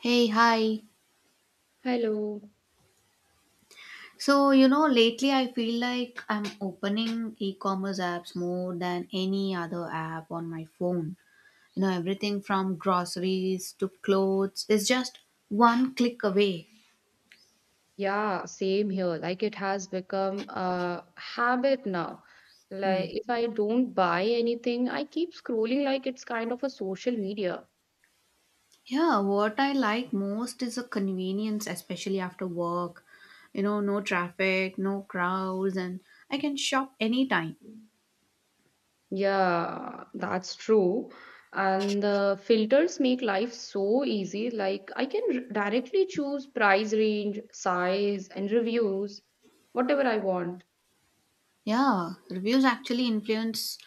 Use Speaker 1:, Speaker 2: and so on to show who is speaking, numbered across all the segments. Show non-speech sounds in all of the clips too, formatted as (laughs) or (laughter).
Speaker 1: Hey, hi.
Speaker 2: Hello.
Speaker 1: So, lately I feel like I'm opening e commerce apps more than any other app on my phone. Everything from groceries to clothes is just one click away.
Speaker 2: Yeah, same here. Like it has become a habit now.
Speaker 1: Hmm.
Speaker 2: Like if I don't buy anything, I keep scrolling like it's kind of a social media.
Speaker 1: Yeah, what I like most is the convenience, especially after work. No traffic, no crowds, and I can shop anytime.
Speaker 2: Yeah, that's true. And the filters make life so easy. Like I can directly choose price range, size, and reviews, whatever I want.
Speaker 1: Yeah, reviews actually influence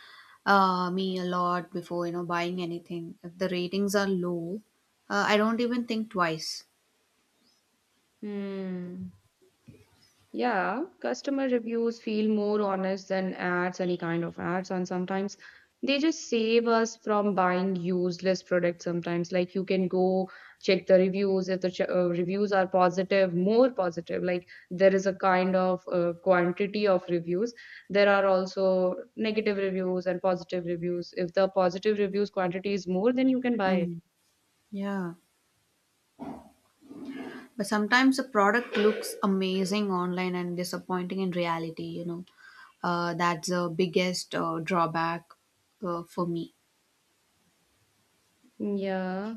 Speaker 1: me a lot before, buying anything. If the ratings are low, I don't even think twice.
Speaker 2: Hmm. Yeah, customer reviews feel more honest than ads, any kind of ads, and sometimes they just save us from buying useless products. Sometimes, like you can go check the reviews. If the reviews are positive, more positive, like there is a kind of quantity of reviews. There are also negative reviews and positive reviews. If the positive reviews quantity is more, then you can buy it.
Speaker 1: Mm. Yeah. But sometimes a product looks amazing online and disappointing in reality. That's the biggest drawback for me.
Speaker 2: Mm, yeah.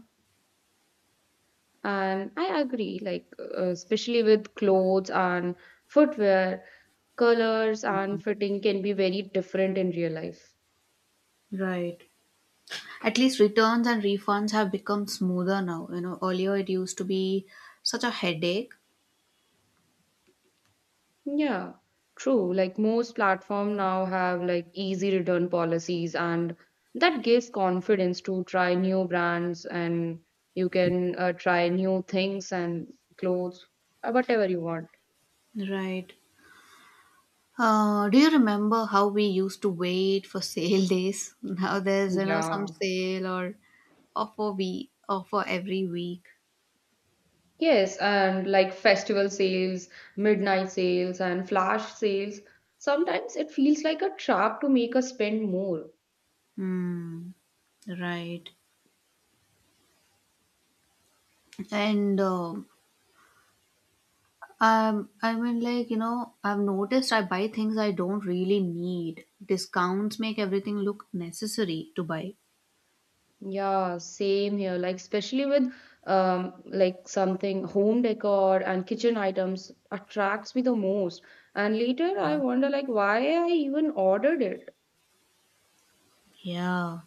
Speaker 2: And I agree, like, especially with clothes and footwear, colors and fitting can be very different in real life.
Speaker 1: Right. At least returns and refunds have become smoother now. Earlier it used to be such a headache.
Speaker 2: Yeah, true. Like, most platform now have like easy return policies, and that gives confidence to try new brands and you can try new things and clothes, whatever you want.
Speaker 1: Right. Do you remember how we used to wait for sale days? (laughs) Now there's some
Speaker 2: Yeah.
Speaker 1: sale or offer we offer every week.
Speaker 2: Yes, and like festival sales, midnight sales, and flash sales. Sometimes it feels like a trap to make us spend more.
Speaker 1: Hmm. Right. And I mean, like I've noticed I buy things I don't really need. Discounts make everything look necessary to buy.
Speaker 2: Yeah, same here. Like especially with like something home decor and kitchen items attracts me the most. And later I wonder like why I even ordered it.
Speaker 1: Yeah,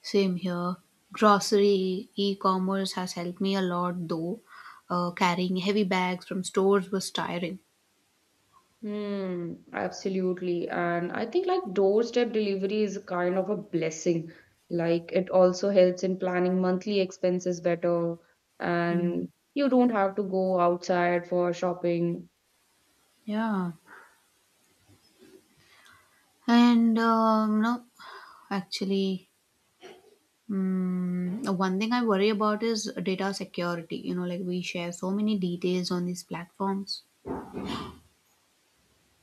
Speaker 1: same here. Grocery e-commerce has helped me a lot, though. Carrying heavy bags from stores was tiring.
Speaker 2: Hmm, absolutely. And I think like doorstep delivery is a kind of a blessing. Like it also helps in planning monthly expenses better,
Speaker 1: Hmm.
Speaker 2: and you don't have to go outside for shopping.
Speaker 1: Yeah, and no, actually, one thing I worry about is data security. Like we share so many details on these platforms.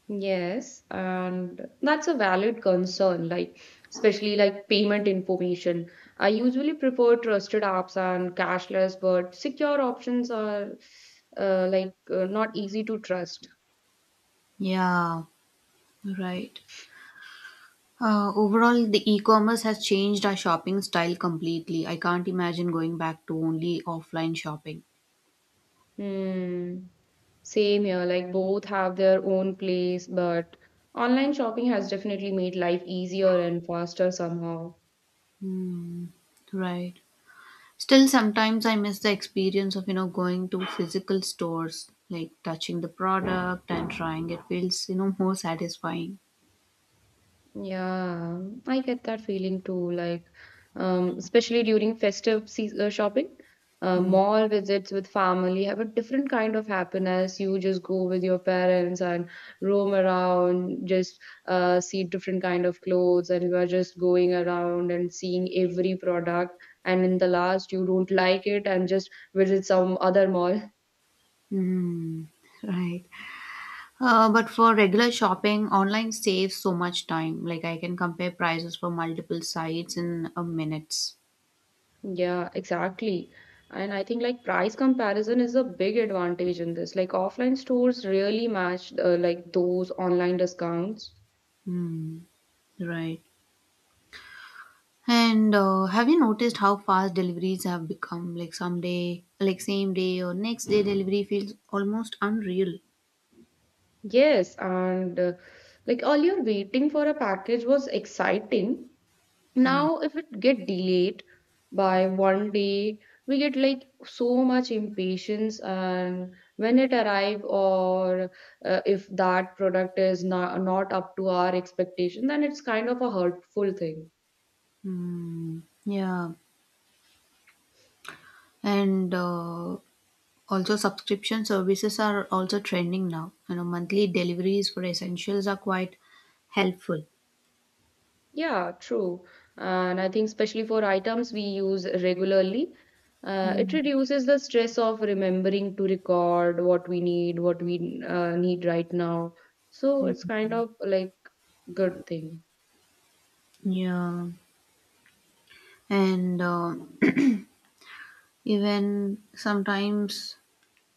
Speaker 2: Yes, and that's a valid concern, like especially like payment information. I usually prefer trusted apps and cashless, but secure options are not easy to trust.
Speaker 1: Yeah, right. Overall, the e-commerce has changed our shopping style completely. I can't imagine going back to only offline shopping.
Speaker 2: Hmm. Same here, like both have their own place, but online shopping has definitely made life easier and faster somehow.
Speaker 1: Mm, right. Still, sometimes I miss the experience of going to physical stores, like touching the product and trying. It feels more satisfying.
Speaker 2: Yeah, I get that feeling too. Like, especially during festive seas shopping,
Speaker 1: Mm.
Speaker 2: mall visits with family have a different kind of happiness. You just go with your parents and roam around, just see different kind of clothes, and you are just going around and seeing every product. And in the last, you don't like it and just visit some other mall.
Speaker 1: Mm. Right. But for regular shopping, online saves so much time. Like I can compare prices for multiple sites in a minutes.
Speaker 2: Yeah, exactly. And I think like price comparison is a big advantage in this. Like offline stores really match like those online discounts.
Speaker 1: Mm, right. And have you noticed how fast deliveries have become? Like someday, like same day or next day delivery feels almost unreal.
Speaker 2: Yes, and like earlier waiting for a package was exciting.
Speaker 1: Mm.
Speaker 2: Now if it get delayed by 1 day, we get like so much impatience and when it arrive or if that product is not up to our expectation, then it's kind of a hurtful thing.
Speaker 1: Mm. Yeah. And also subscription services are also trending now. Monthly deliveries for essentials are quite helpful.
Speaker 2: Yeah, true. And I think especially for items we use regularly, it
Speaker 1: Mm.
Speaker 2: reduces the stress of remembering to record what we need right now. So it's kind of like good thing.
Speaker 1: Yeah, and even sometimes,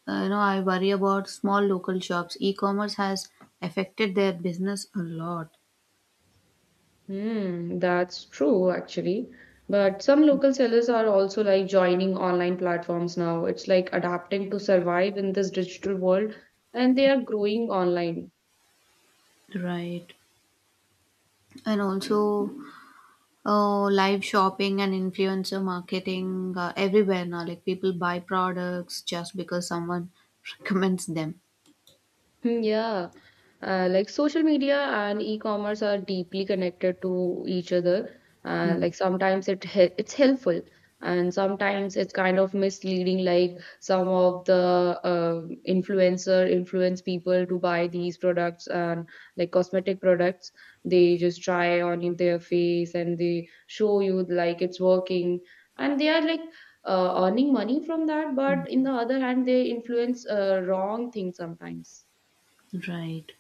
Speaker 1: I worry about small local shops. E-commerce has affected their business a lot,
Speaker 2: Hmm, that's true actually. But some local sellers are also like joining online platforms now. It's like adapting to survive in this digital world, and they are growing online.
Speaker 1: right? And also, live shopping and influencer marketing everywhere now. Like people buy products just because someone (laughs) recommends them.
Speaker 2: Hmm, yeah, like social media and e-commerce are deeply connected to each other.
Speaker 1: Hmm.
Speaker 2: Like sometimes it's helpful, and sometimes it's kind of misleading. Like some of the influence people to buy these products and like cosmetic products. They just try on in their face and they show you like it's working, and they are like. Earning money from that, but in the other hand, they influence wrong things sometimes.
Speaker 1: Right.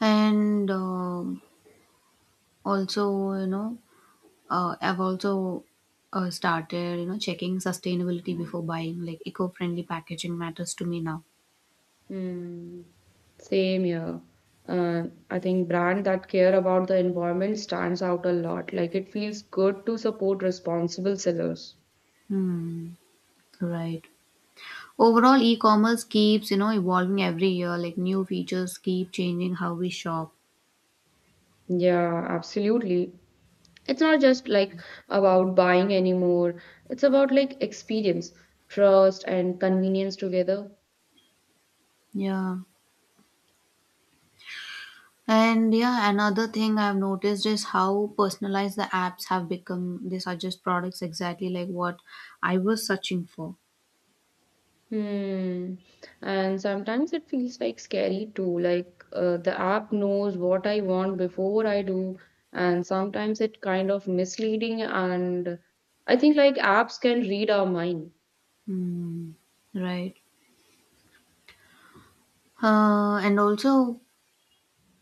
Speaker 1: And also, I've also started, checking sustainability before buying. Like eco-friendly packaging matters to me now.
Speaker 2: Mm, same here. Uh, I think brand that care about the environment stands out a lot. Like it feels good to support responsible sellers.
Speaker 1: Hmm. Right. Overall, e-commerce keeps, evolving every year. Like new features keep changing how we shop.
Speaker 2: Yeah, absolutely. It's not just like about buying anymore. It's about like experience, trust, and convenience together.
Speaker 1: Yeah. And yeah, another thing I've noticed is how personalized the apps have become. They suggest products exactly like what I was searching for.
Speaker 2: Hmm. And sometimes it feels like scary too, like the app knows what I want before I do, and sometimes it kind of misleading and I think like apps can read our mind.
Speaker 1: Hmm. Right. And also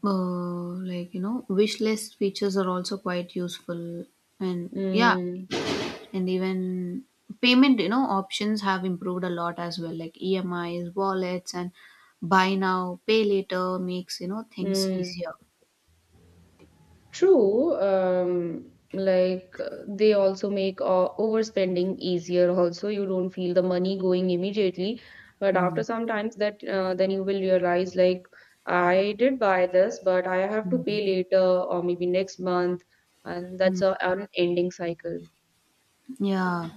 Speaker 1: Like wish list features are also quite useful, and yeah,
Speaker 2: Hmm.
Speaker 1: and even payment options have improved a lot as well, like emis wallets and buy now pay later makes things
Speaker 2: Hmm.
Speaker 1: easier.
Speaker 2: True, like they also make overspending easier. Also, you don't feel the money going immediately, but after
Speaker 1: mm.
Speaker 2: some times that then you will realize like I did buy this, but I have to
Speaker 1: Mm.
Speaker 2: pay later or maybe next month, and that's a unending cycle.
Speaker 1: Yeah,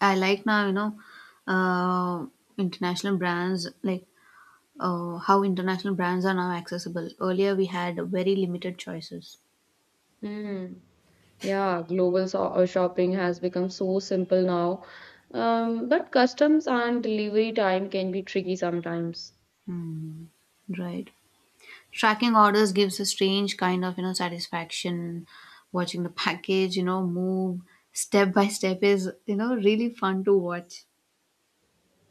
Speaker 1: I like now, uh, international brands like, how international brands are now accessible. Earlier we had very limited choices.
Speaker 2: Hmm. Yeah, global so shopping has become so simple now, but customs and delivery time can be tricky sometimes.
Speaker 1: Mm. Right. Tracking orders gives a strange kind of, satisfaction. Watching the package, move step by step is, really fun to watch.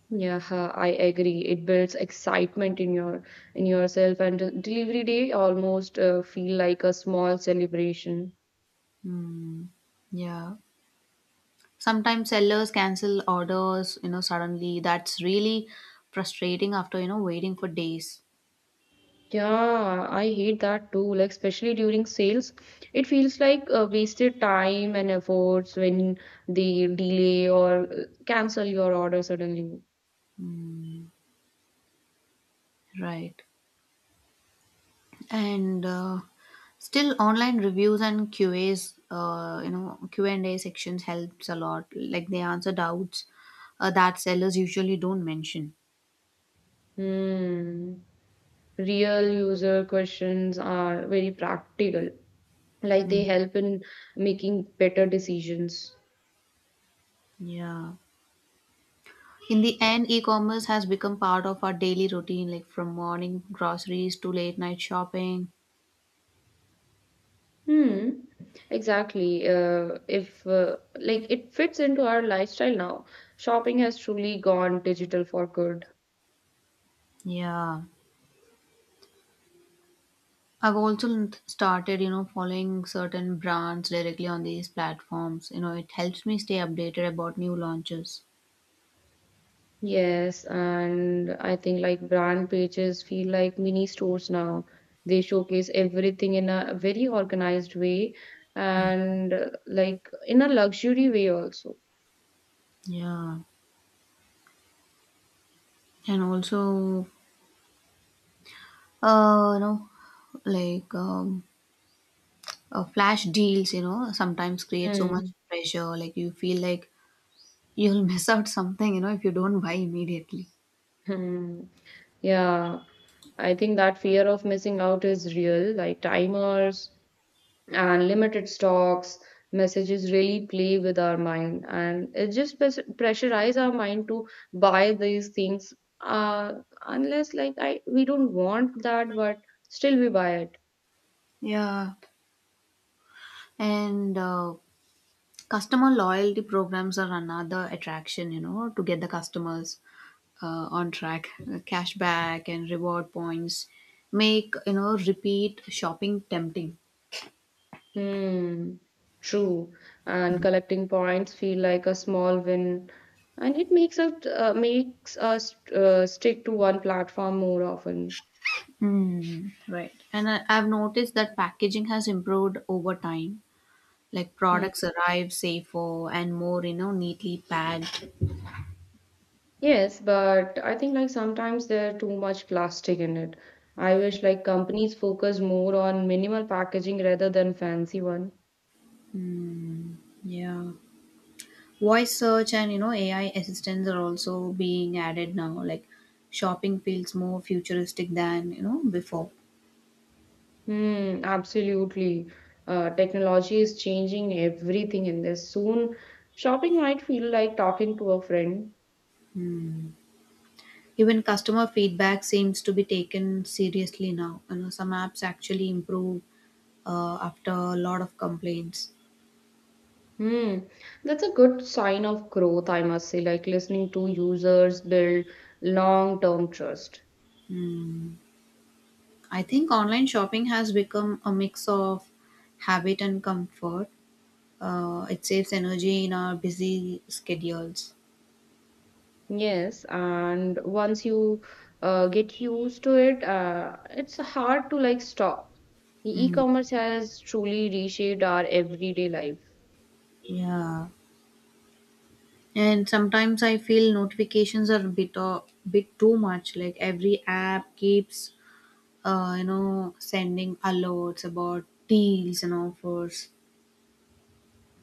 Speaker 2: Yeah, huh, I agree. It builds excitement in your in yourself, and delivery day almost feel like a small celebration.
Speaker 1: Hmm. Yeah. Sometimes sellers cancel orders, suddenly. That's really frustrating after, waiting for days.
Speaker 2: Yeah, I hate that too. Like especially during sales, it feels like wasted time and efforts when they delay or cancel your order suddenly.
Speaker 1: Right. And still online reviews and Q&As, Q&A sections helps a lot. Like they answer doubts that sellers usually don't mention.
Speaker 2: Hmm. Real user questions are very practical. Like
Speaker 1: Hmm.
Speaker 2: they help in making better decisions.
Speaker 1: Yeah. In the end, e-commerce has become part of our daily routine, like from morning groceries to late night shopping.
Speaker 2: Hmm, exactly. If like it fits into our lifestyle now, shopping has truly gone digital for good.
Speaker 1: Yeah. I've also started, following certain brands directly on these platforms. It helps me stay updated about new launches.
Speaker 2: Yes, and I think like brand pages feel like mini stores now. They showcase everything in a very organized way and like in a luxury way also.
Speaker 1: Yeah. And also, uh, you know, like flash deals, sometimes create so much
Speaker 2: Hmm.
Speaker 1: pressure. Like you feel like you'll (laughs) miss out something, if you don't buy immediately.
Speaker 2: Hmm. Yeah, I think that fear of missing out is real. Like timers, and limited stocks messages really play with our mind and it just pressurize our mind to buy these things uh unless like I we don't want that but still we buy it.
Speaker 1: Yeah. And customer loyalty programs are another attraction, to get the customers on track. Cashback and reward points make, repeat shopping tempting.
Speaker 2: Hmm, true. And collecting points feel like a small win, and it makes us stick to one platform more often.
Speaker 1: Mm, right. And I've noticed that packaging has improved over time. Like
Speaker 2: Hmm.
Speaker 1: products arrive safer and more, neatly packed.
Speaker 2: Yes, but I think like sometimes there are too much plastic in it. I wish like companies focus more on minimal packaging rather than fancy one.
Speaker 1: Yeah. Voice search and AI assistants are also being added now, like shopping feels more futuristic than before.
Speaker 2: Hmm, absolutely. Technology is changing everything in this. Soon, shopping might feel like talking to a friend.
Speaker 1: Even customer feedback seems to be taken seriously now. Some apps actually improve after a lot of complaints.
Speaker 2: Hmm, that's a good sign of growth, I must say, like listening to users build long-term trust.
Speaker 1: Hmm. I think online shopping has become a mix of habit and comfort. It saves energy in our busy schedules.
Speaker 2: Yes, and once you get used to it, it's hard to like stop.
Speaker 1: Hmm.
Speaker 2: E-commerce has truly reshaped our everyday life.
Speaker 1: Yeah. And sometimes I feel notifications are a bit too much. Like every app keeps, sending alerts about deals and offers.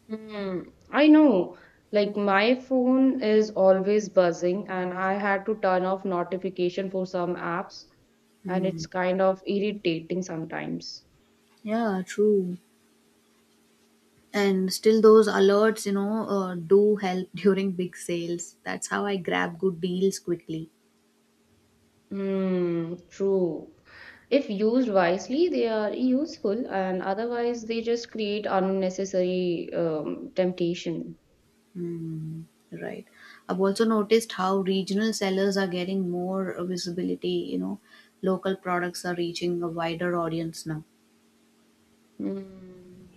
Speaker 2: Hmm, I know. Like my phone is always buzzing, and I had to turn off notification for some apps, and
Speaker 1: Hmm.
Speaker 2: it's kind of irritating sometimes.
Speaker 1: Yeah, true. And still, those alerts, do help (laughs) during big sales. That's how I grab good deals quickly.
Speaker 2: Mm, true. If used wisely, they are useful, and otherwise, they just create unnecessary temptation.
Speaker 1: Hmm. Right. I've also noticed how regional sellers are getting more visibility. Local products are reaching a wider audience now.
Speaker 2: Mm.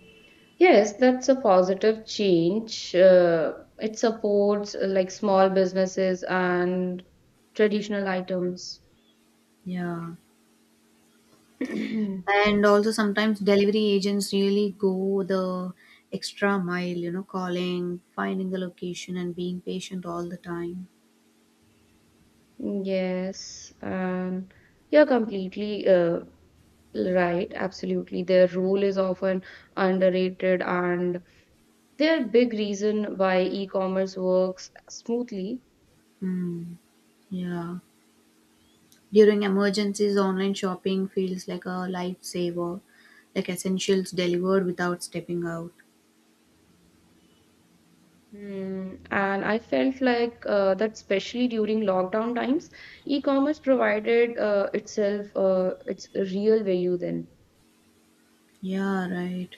Speaker 2: Yes, that's a positive change. It supports like small businesses and traditional items.
Speaker 1: Yeah.
Speaker 2: (clears throat)
Speaker 1: And also sometimes delivery agents really go the extra mile, calling, finding the location, and being patient all the time.
Speaker 2: Yes, and you're completely right. Absolutely. Their role is often underrated and they're a big reason why e-commerce works smoothly.
Speaker 1: Hmm. Yeah. During emergencies, online shopping feels like a lifesaver, like essentials delivered without stepping out.
Speaker 2: Hmm, and I felt like especially during lockdown times, e-commerce provided its real value then.
Speaker 1: Yeah, right.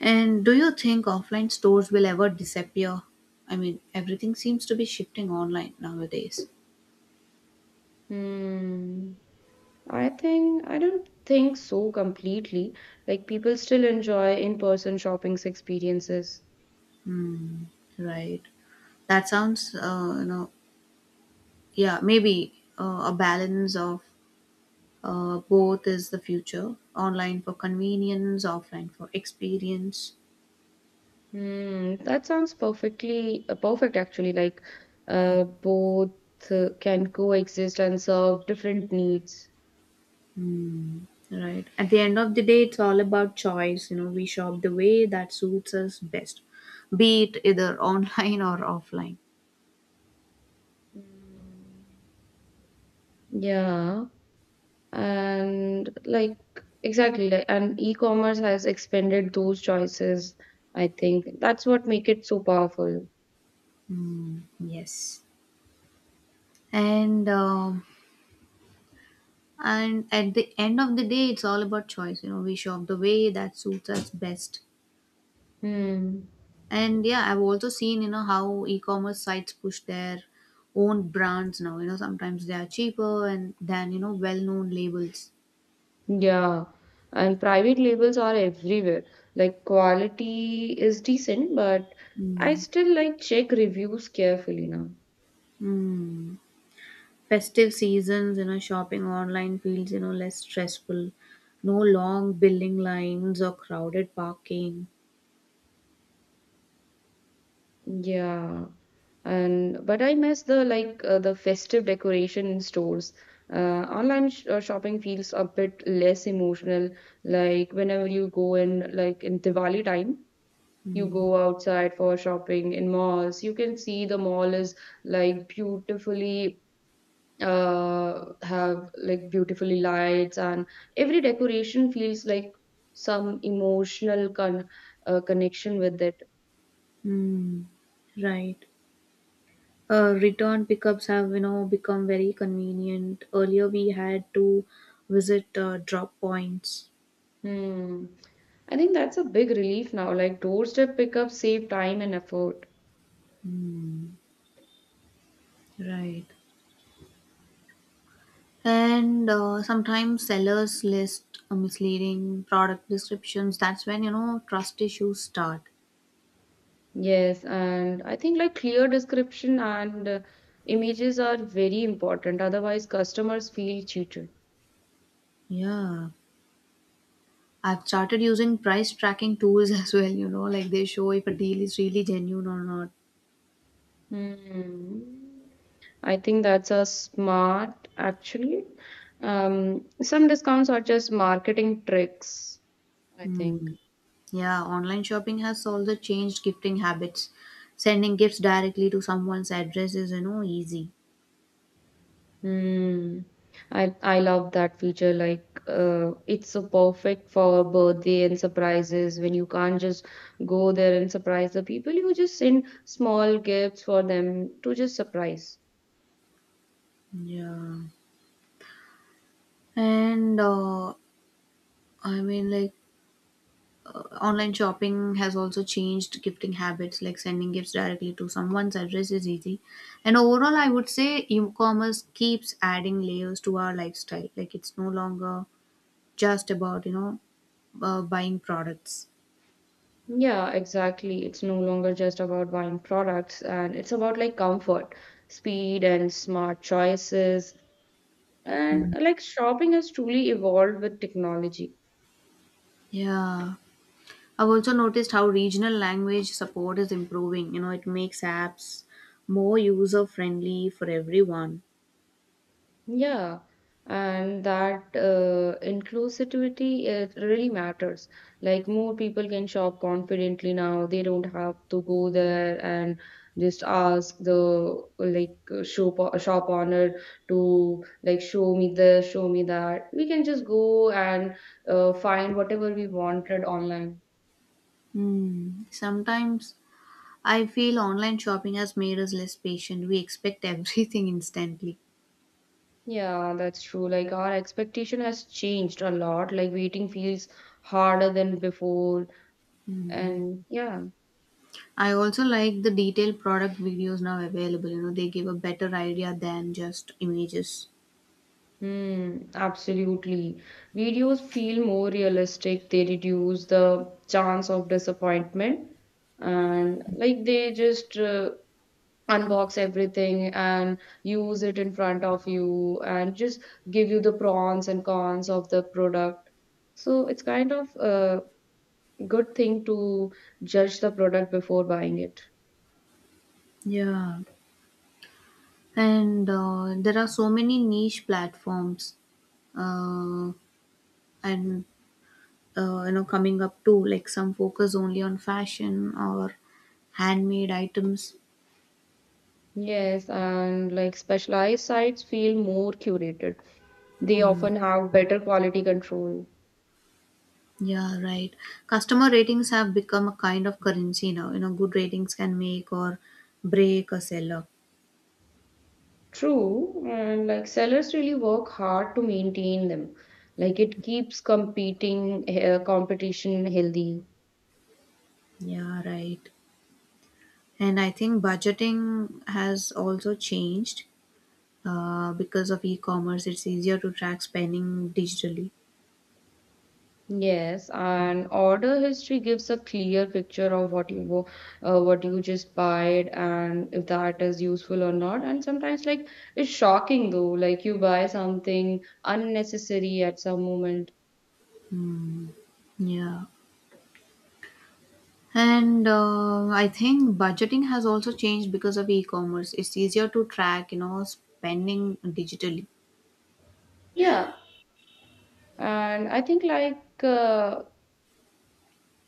Speaker 1: And do you think offline stores will ever disappear? I mean, everything seems to be shifting online nowadays.
Speaker 2: Hmm. I think I don't think so completely. Like people still enjoy in-person shopping experiences.
Speaker 1: Hmm. Right. That sounds, yeah, maybe a balance of both is the future. Online for convenience, offline for experience.
Speaker 2: Hmm. That sounds perfect actually. Like both can coexist and serve different needs.
Speaker 1: Right. At the end of the day, it's all about choice, we shop the way that suits us best, be it either (laughs) online or offline.
Speaker 2: Yeah, and like exactly, like, and e-commerce has expanded those choices. I think that's what make it so powerful.
Speaker 1: Hmm. Yes. And um, and at the end of the day, it's all about choice, we shop the way that suits us best.
Speaker 2: Hmm.
Speaker 1: And yeah, I've also seen, how e-commerce sites push their own brands now. Sometimes they are cheaper and than, well-known labels.
Speaker 2: Yeah, and private labels are everywhere. Like quality is decent, but I
Speaker 1: Mm.
Speaker 2: still like check reviews carefully now.
Speaker 1: Mm. Festive seasons, shopping online feels, less stressful. No long building lines or crowded parking.
Speaker 2: Yeah, and but I miss the like the festive decoration in stores. Online sh shopping feels a bit less emotional. Like whenever you go in, like in Diwali time, you go outside for shopping in malls. You can see the mall is like beautifully have like beautifully lights and every decoration feels like some emotional con connection with it.
Speaker 1: Mm. Right. Return pickups have, become very convenient. Earlier we had to visit drop points.
Speaker 2: Hmm. I think that's a big relief now. Like doorstep pickup save time and effort.
Speaker 1: Right. And sometimes sellers list misleading product descriptions. That's when trust issues start.
Speaker 2: Yes, and I think like clear description and images are very important. Otherwise, customers feel cheated.
Speaker 1: Yeah, I've started using price tracking tools (laughs) as well, like they show if a deal is really genuine or not.
Speaker 2: Hmm. I think that's a smart actually. Some discounts are just marketing tricks, I think.
Speaker 1: Hmm. Yeah, online shopping has also changed gifting habits. Sending gifts directly to someone's address is, easy.
Speaker 2: Hmm. I love that feature. Like, it's so perfect for birthday and surprises when you can't just go there and surprise the people. You just send small gifts for them to just surprise.
Speaker 1: Yeah. And I mean, like online shopping has also changed gifting habits, like sending gifts directly to someone's address is easy. And overall, I would say e commerce keeps adding layers to our lifestyle. Like it's no longer just about, buying products.
Speaker 2: Yeah, exactly. It's no longer just about buying products, and it's about like comfort, speed, and smart choices. And
Speaker 1: Mm.
Speaker 2: like shopping has truly evolved with technology.
Speaker 1: Yeah. I've also noticed how regional language support is improving. It makes apps more user friendly for everyone.
Speaker 2: Yeah, and that inclusivity it really matters. Like more people can shop confidently now. They don't have to go there and just ask the like shop owner to like show me this, show me that. We can just go and find whatever we wanted online.
Speaker 1: Hmm. Sometimes I feel online shopping has made us less patient. We expect everything (laughs) instantly.
Speaker 2: Yeah, that's true. Like our expectation has changed a lot. Like waiting feels harder than before, and yeah.
Speaker 1: I also like the detailed product videos now available. They give a better idea than just images.
Speaker 2: Mm, absolutely. Videos feel more realistic. They reduce the chance of disappointment and like they just unbox everything and use it in front of you and just give you the pros and cons of the product. So it's kind of a good thing to judge the product before buying it.
Speaker 1: Yeah. And there are so many niche platforms uh, and coming up too, like some focus only on fashion or handmade items.
Speaker 2: Yes, and like specialized sites feel more curated. They often have better quality control.
Speaker 1: Yeah, right. Customer ratings have become a kind of currency now. Good ratings can make or break a seller.
Speaker 2: True, and like sellers really work hard to maintain them. Like it keeps competing competition healthy.
Speaker 1: Yeah, right. And I think budgeting has also changed because of e-commerce. It's easier to track spending digitally.
Speaker 2: Yes, and order history gives a clear picture of what you just bought and if that is useful or not. And sometimes, like, it's shocking though, like, you buy something unnecessary at some moment.
Speaker 1: Yeah. And I think budgeting has also changed because of e-commerce. It's easier to track, spending digitally.
Speaker 2: Yeah, and I think like uh,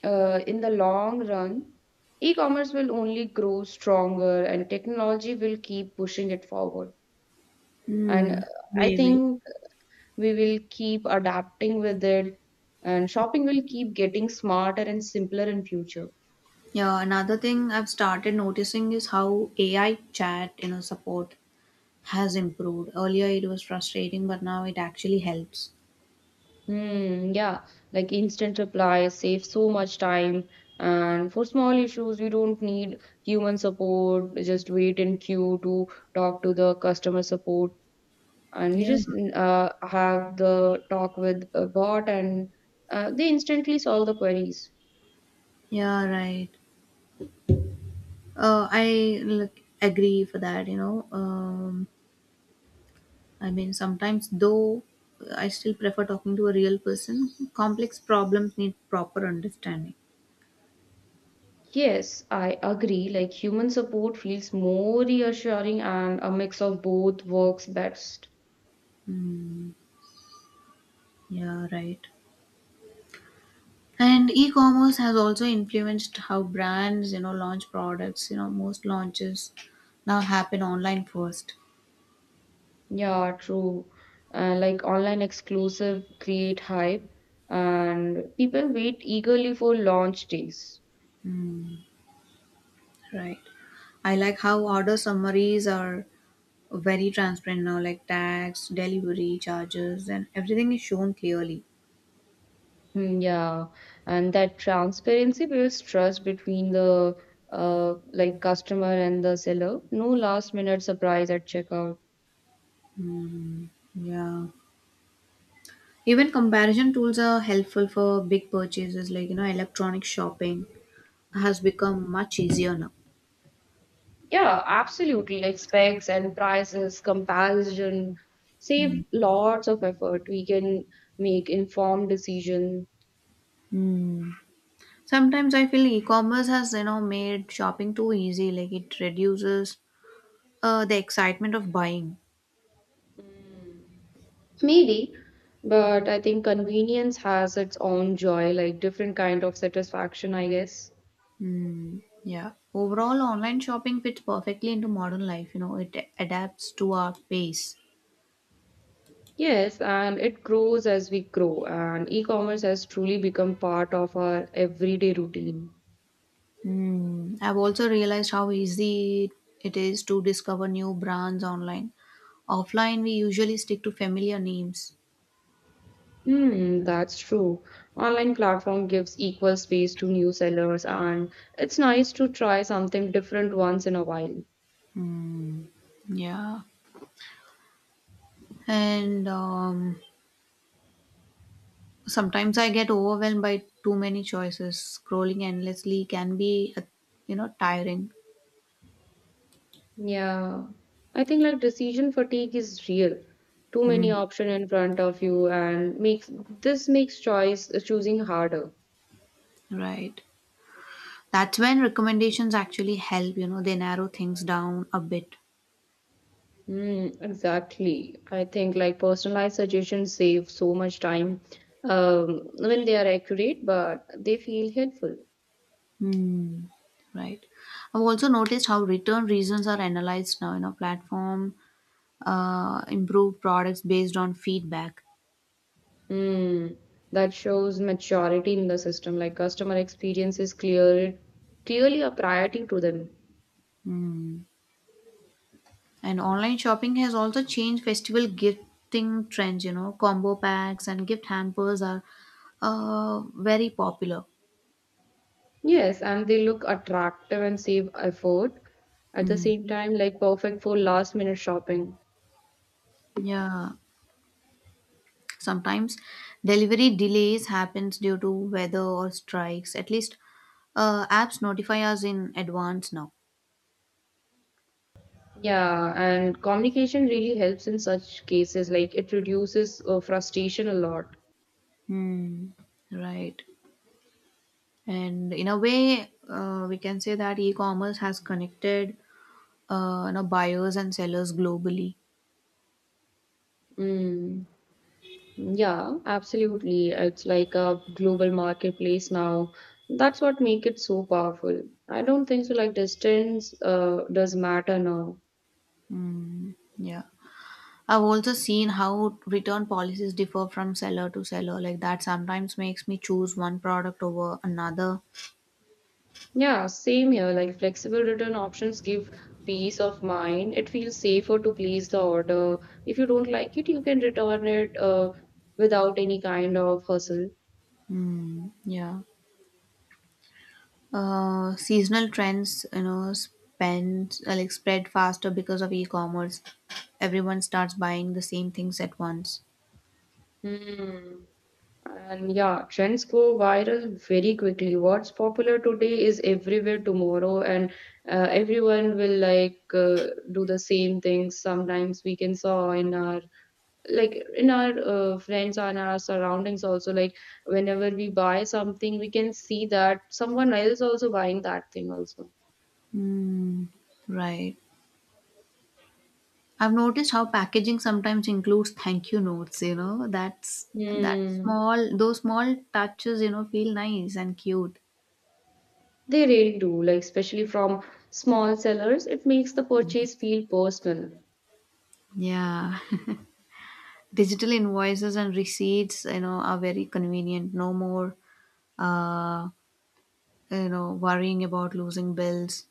Speaker 2: Uh, in the long run, e-commerce will only grow stronger and technology will keep pushing it forward. And
Speaker 1: Hmm,
Speaker 2: I
Speaker 1: maybe.
Speaker 2: think we will keep adapting with it, and shopping will keep getting smarter and simpler in future.
Speaker 1: Yeah, another thing I've started noticing is how AI chat, support has improved. Earlier it was frustrating, but now it actually helps.
Speaker 2: Hmm, yeah, like, instant reply saves so much time. And for small issues, we don't need human support. Just wait in queue to talk to the customer support and you
Speaker 1: Yeah.
Speaker 2: just have the talk with a bot, and they instantly solve the queries.
Speaker 1: Yeah, right. I look, agree for that. I mean, sometimes though I still prefer talking to a real person. Complex problems need proper understanding.
Speaker 2: Yes, I agree, like, human support feels more reassuring, and a mix of both works best.
Speaker 1: Mm, yeah, right. And e-commerce has also influenced how brands, launch products. Most launches now happen online first.
Speaker 2: Yeah, true. Like, online exclusive create hype, and people wait eagerly for launch days.
Speaker 1: Mm, right. I like how order summaries are very transparent now, like tax, delivery charges, and everything is shown clearly.
Speaker 2: Mm, yeah, and that transparency builds trust between the like, customer and the seller. No last minute surprise at checkout.
Speaker 1: Yeah. Even comparison tools are helpful for big purchases, like electronic shopping has become much easier now.
Speaker 2: Yeah, absolutely. Like, specs and prices comparison
Speaker 1: Hmm.
Speaker 2: save lots of effort. We can make informed decision.
Speaker 1: Hmm. Sometimes I feel e-commerce has made shopping too easy. Like it reduces the excitement of buying.
Speaker 2: Maybe, but I think convenience has its own joy, like, different kind of satisfaction, I guess.
Speaker 1: Mm, yeah. Overall, online shopping fits perfectly into modern life. It adapts to our pace.
Speaker 2: Yes, and it grows as we grow, and e-commerce has truly become part of our everyday routine.
Speaker 1: Mm, I've also realized how easy it is to discover new brands online. Offline, we usually stick to familiar names.
Speaker 2: Hmm, that's true. Online platform gives equal space to new sellers, and it's nice to try something different once in a while.
Speaker 1: Mm, yeah. And sometimes I get overwhelmed by too many choices. Scrolling endlessly can be, tiring.
Speaker 2: Yeah, I think, like, decision fatigue is real. Too many
Speaker 1: Mm.
Speaker 2: options in front of you, and makes this makes choice choosing harder.
Speaker 1: Right. That's when recommendations actually help, they narrow things down a bit.
Speaker 2: Mm, exactly. I think, like, personalized suggestions save so much time when they are accurate, but they feel helpful.
Speaker 1: Mm. Right. I've also noticed how return reasons are analyzed now. Platform improve products based on feedback.
Speaker 2: Mm, that shows maturity in the system. Like, customer experience is clearly a priority to them.
Speaker 1: Hmm. And online shopping has also changed festival gifting trends, combo packs and gift hampers are very popular.
Speaker 2: Yes, and they look attractive and save effort. At the
Speaker 1: Mm.
Speaker 2: same time, like, perfect for last minute shopping.
Speaker 1: Yeah, sometimes delivery delays happens due to weather or strikes. At least apps notify us in advance now.
Speaker 2: Yeah, and communication really helps in such cases. Like, it reduces frustration a lot.
Speaker 1: Mm, right? And in a way, we can say that e-commerce has connected buyers and sellers globally.
Speaker 2: Mm. Yeah, absolutely. It's like a global marketplace now. That's what make it so powerful. I don't think so, like, distance does matter now.
Speaker 1: Mm. Yeah. I've also seen how return policies differ from seller to seller. Like that sometimes makes me choose one product over another.
Speaker 2: Yeah, same here. Like, flexible return options give peace of mind. It feels safer to place the order. If you don't like it, you can return it without any kind of hustle.
Speaker 1: Hmm. Yeah. Seasonal trends, spend like spread faster because of e-commerce. Everyone starts buying the same things at once.
Speaker 2: Hmm. And yeah, trends go viral very quickly. What's popular today is everywhere tomorrow, and everyone will do the same things. Sometimes we can saw in our like, in our friends and our surroundings also. Like, whenever we buy something, we can see that someone else also buying that thing also.
Speaker 1: Hmm. Right. I've noticed how packaging sometimes includes thank you notes. That's that
Speaker 2: Hmm.
Speaker 1: small those small touches. Feel nice and cute.
Speaker 2: They really do, like, especially from small sellers, it makes the purchase feel personal.
Speaker 1: Yeah. Digital invoices and receipts, are very convenient. No more uh worrying about losing bills.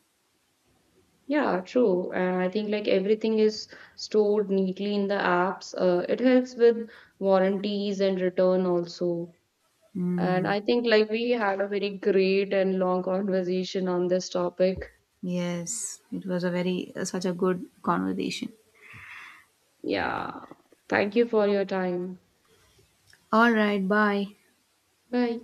Speaker 2: Yeah, true. And I think, like, everything is stored neatly in the apps. It helps with warranties and return also. And
Speaker 1: Mm.
Speaker 2: I think, like, we had a very great and long conversation on this topic.
Speaker 1: Yes, it was a very such a good conversation.
Speaker 2: Yeah. Thank you for your time.
Speaker 1: All right, bye.
Speaker 2: Bye.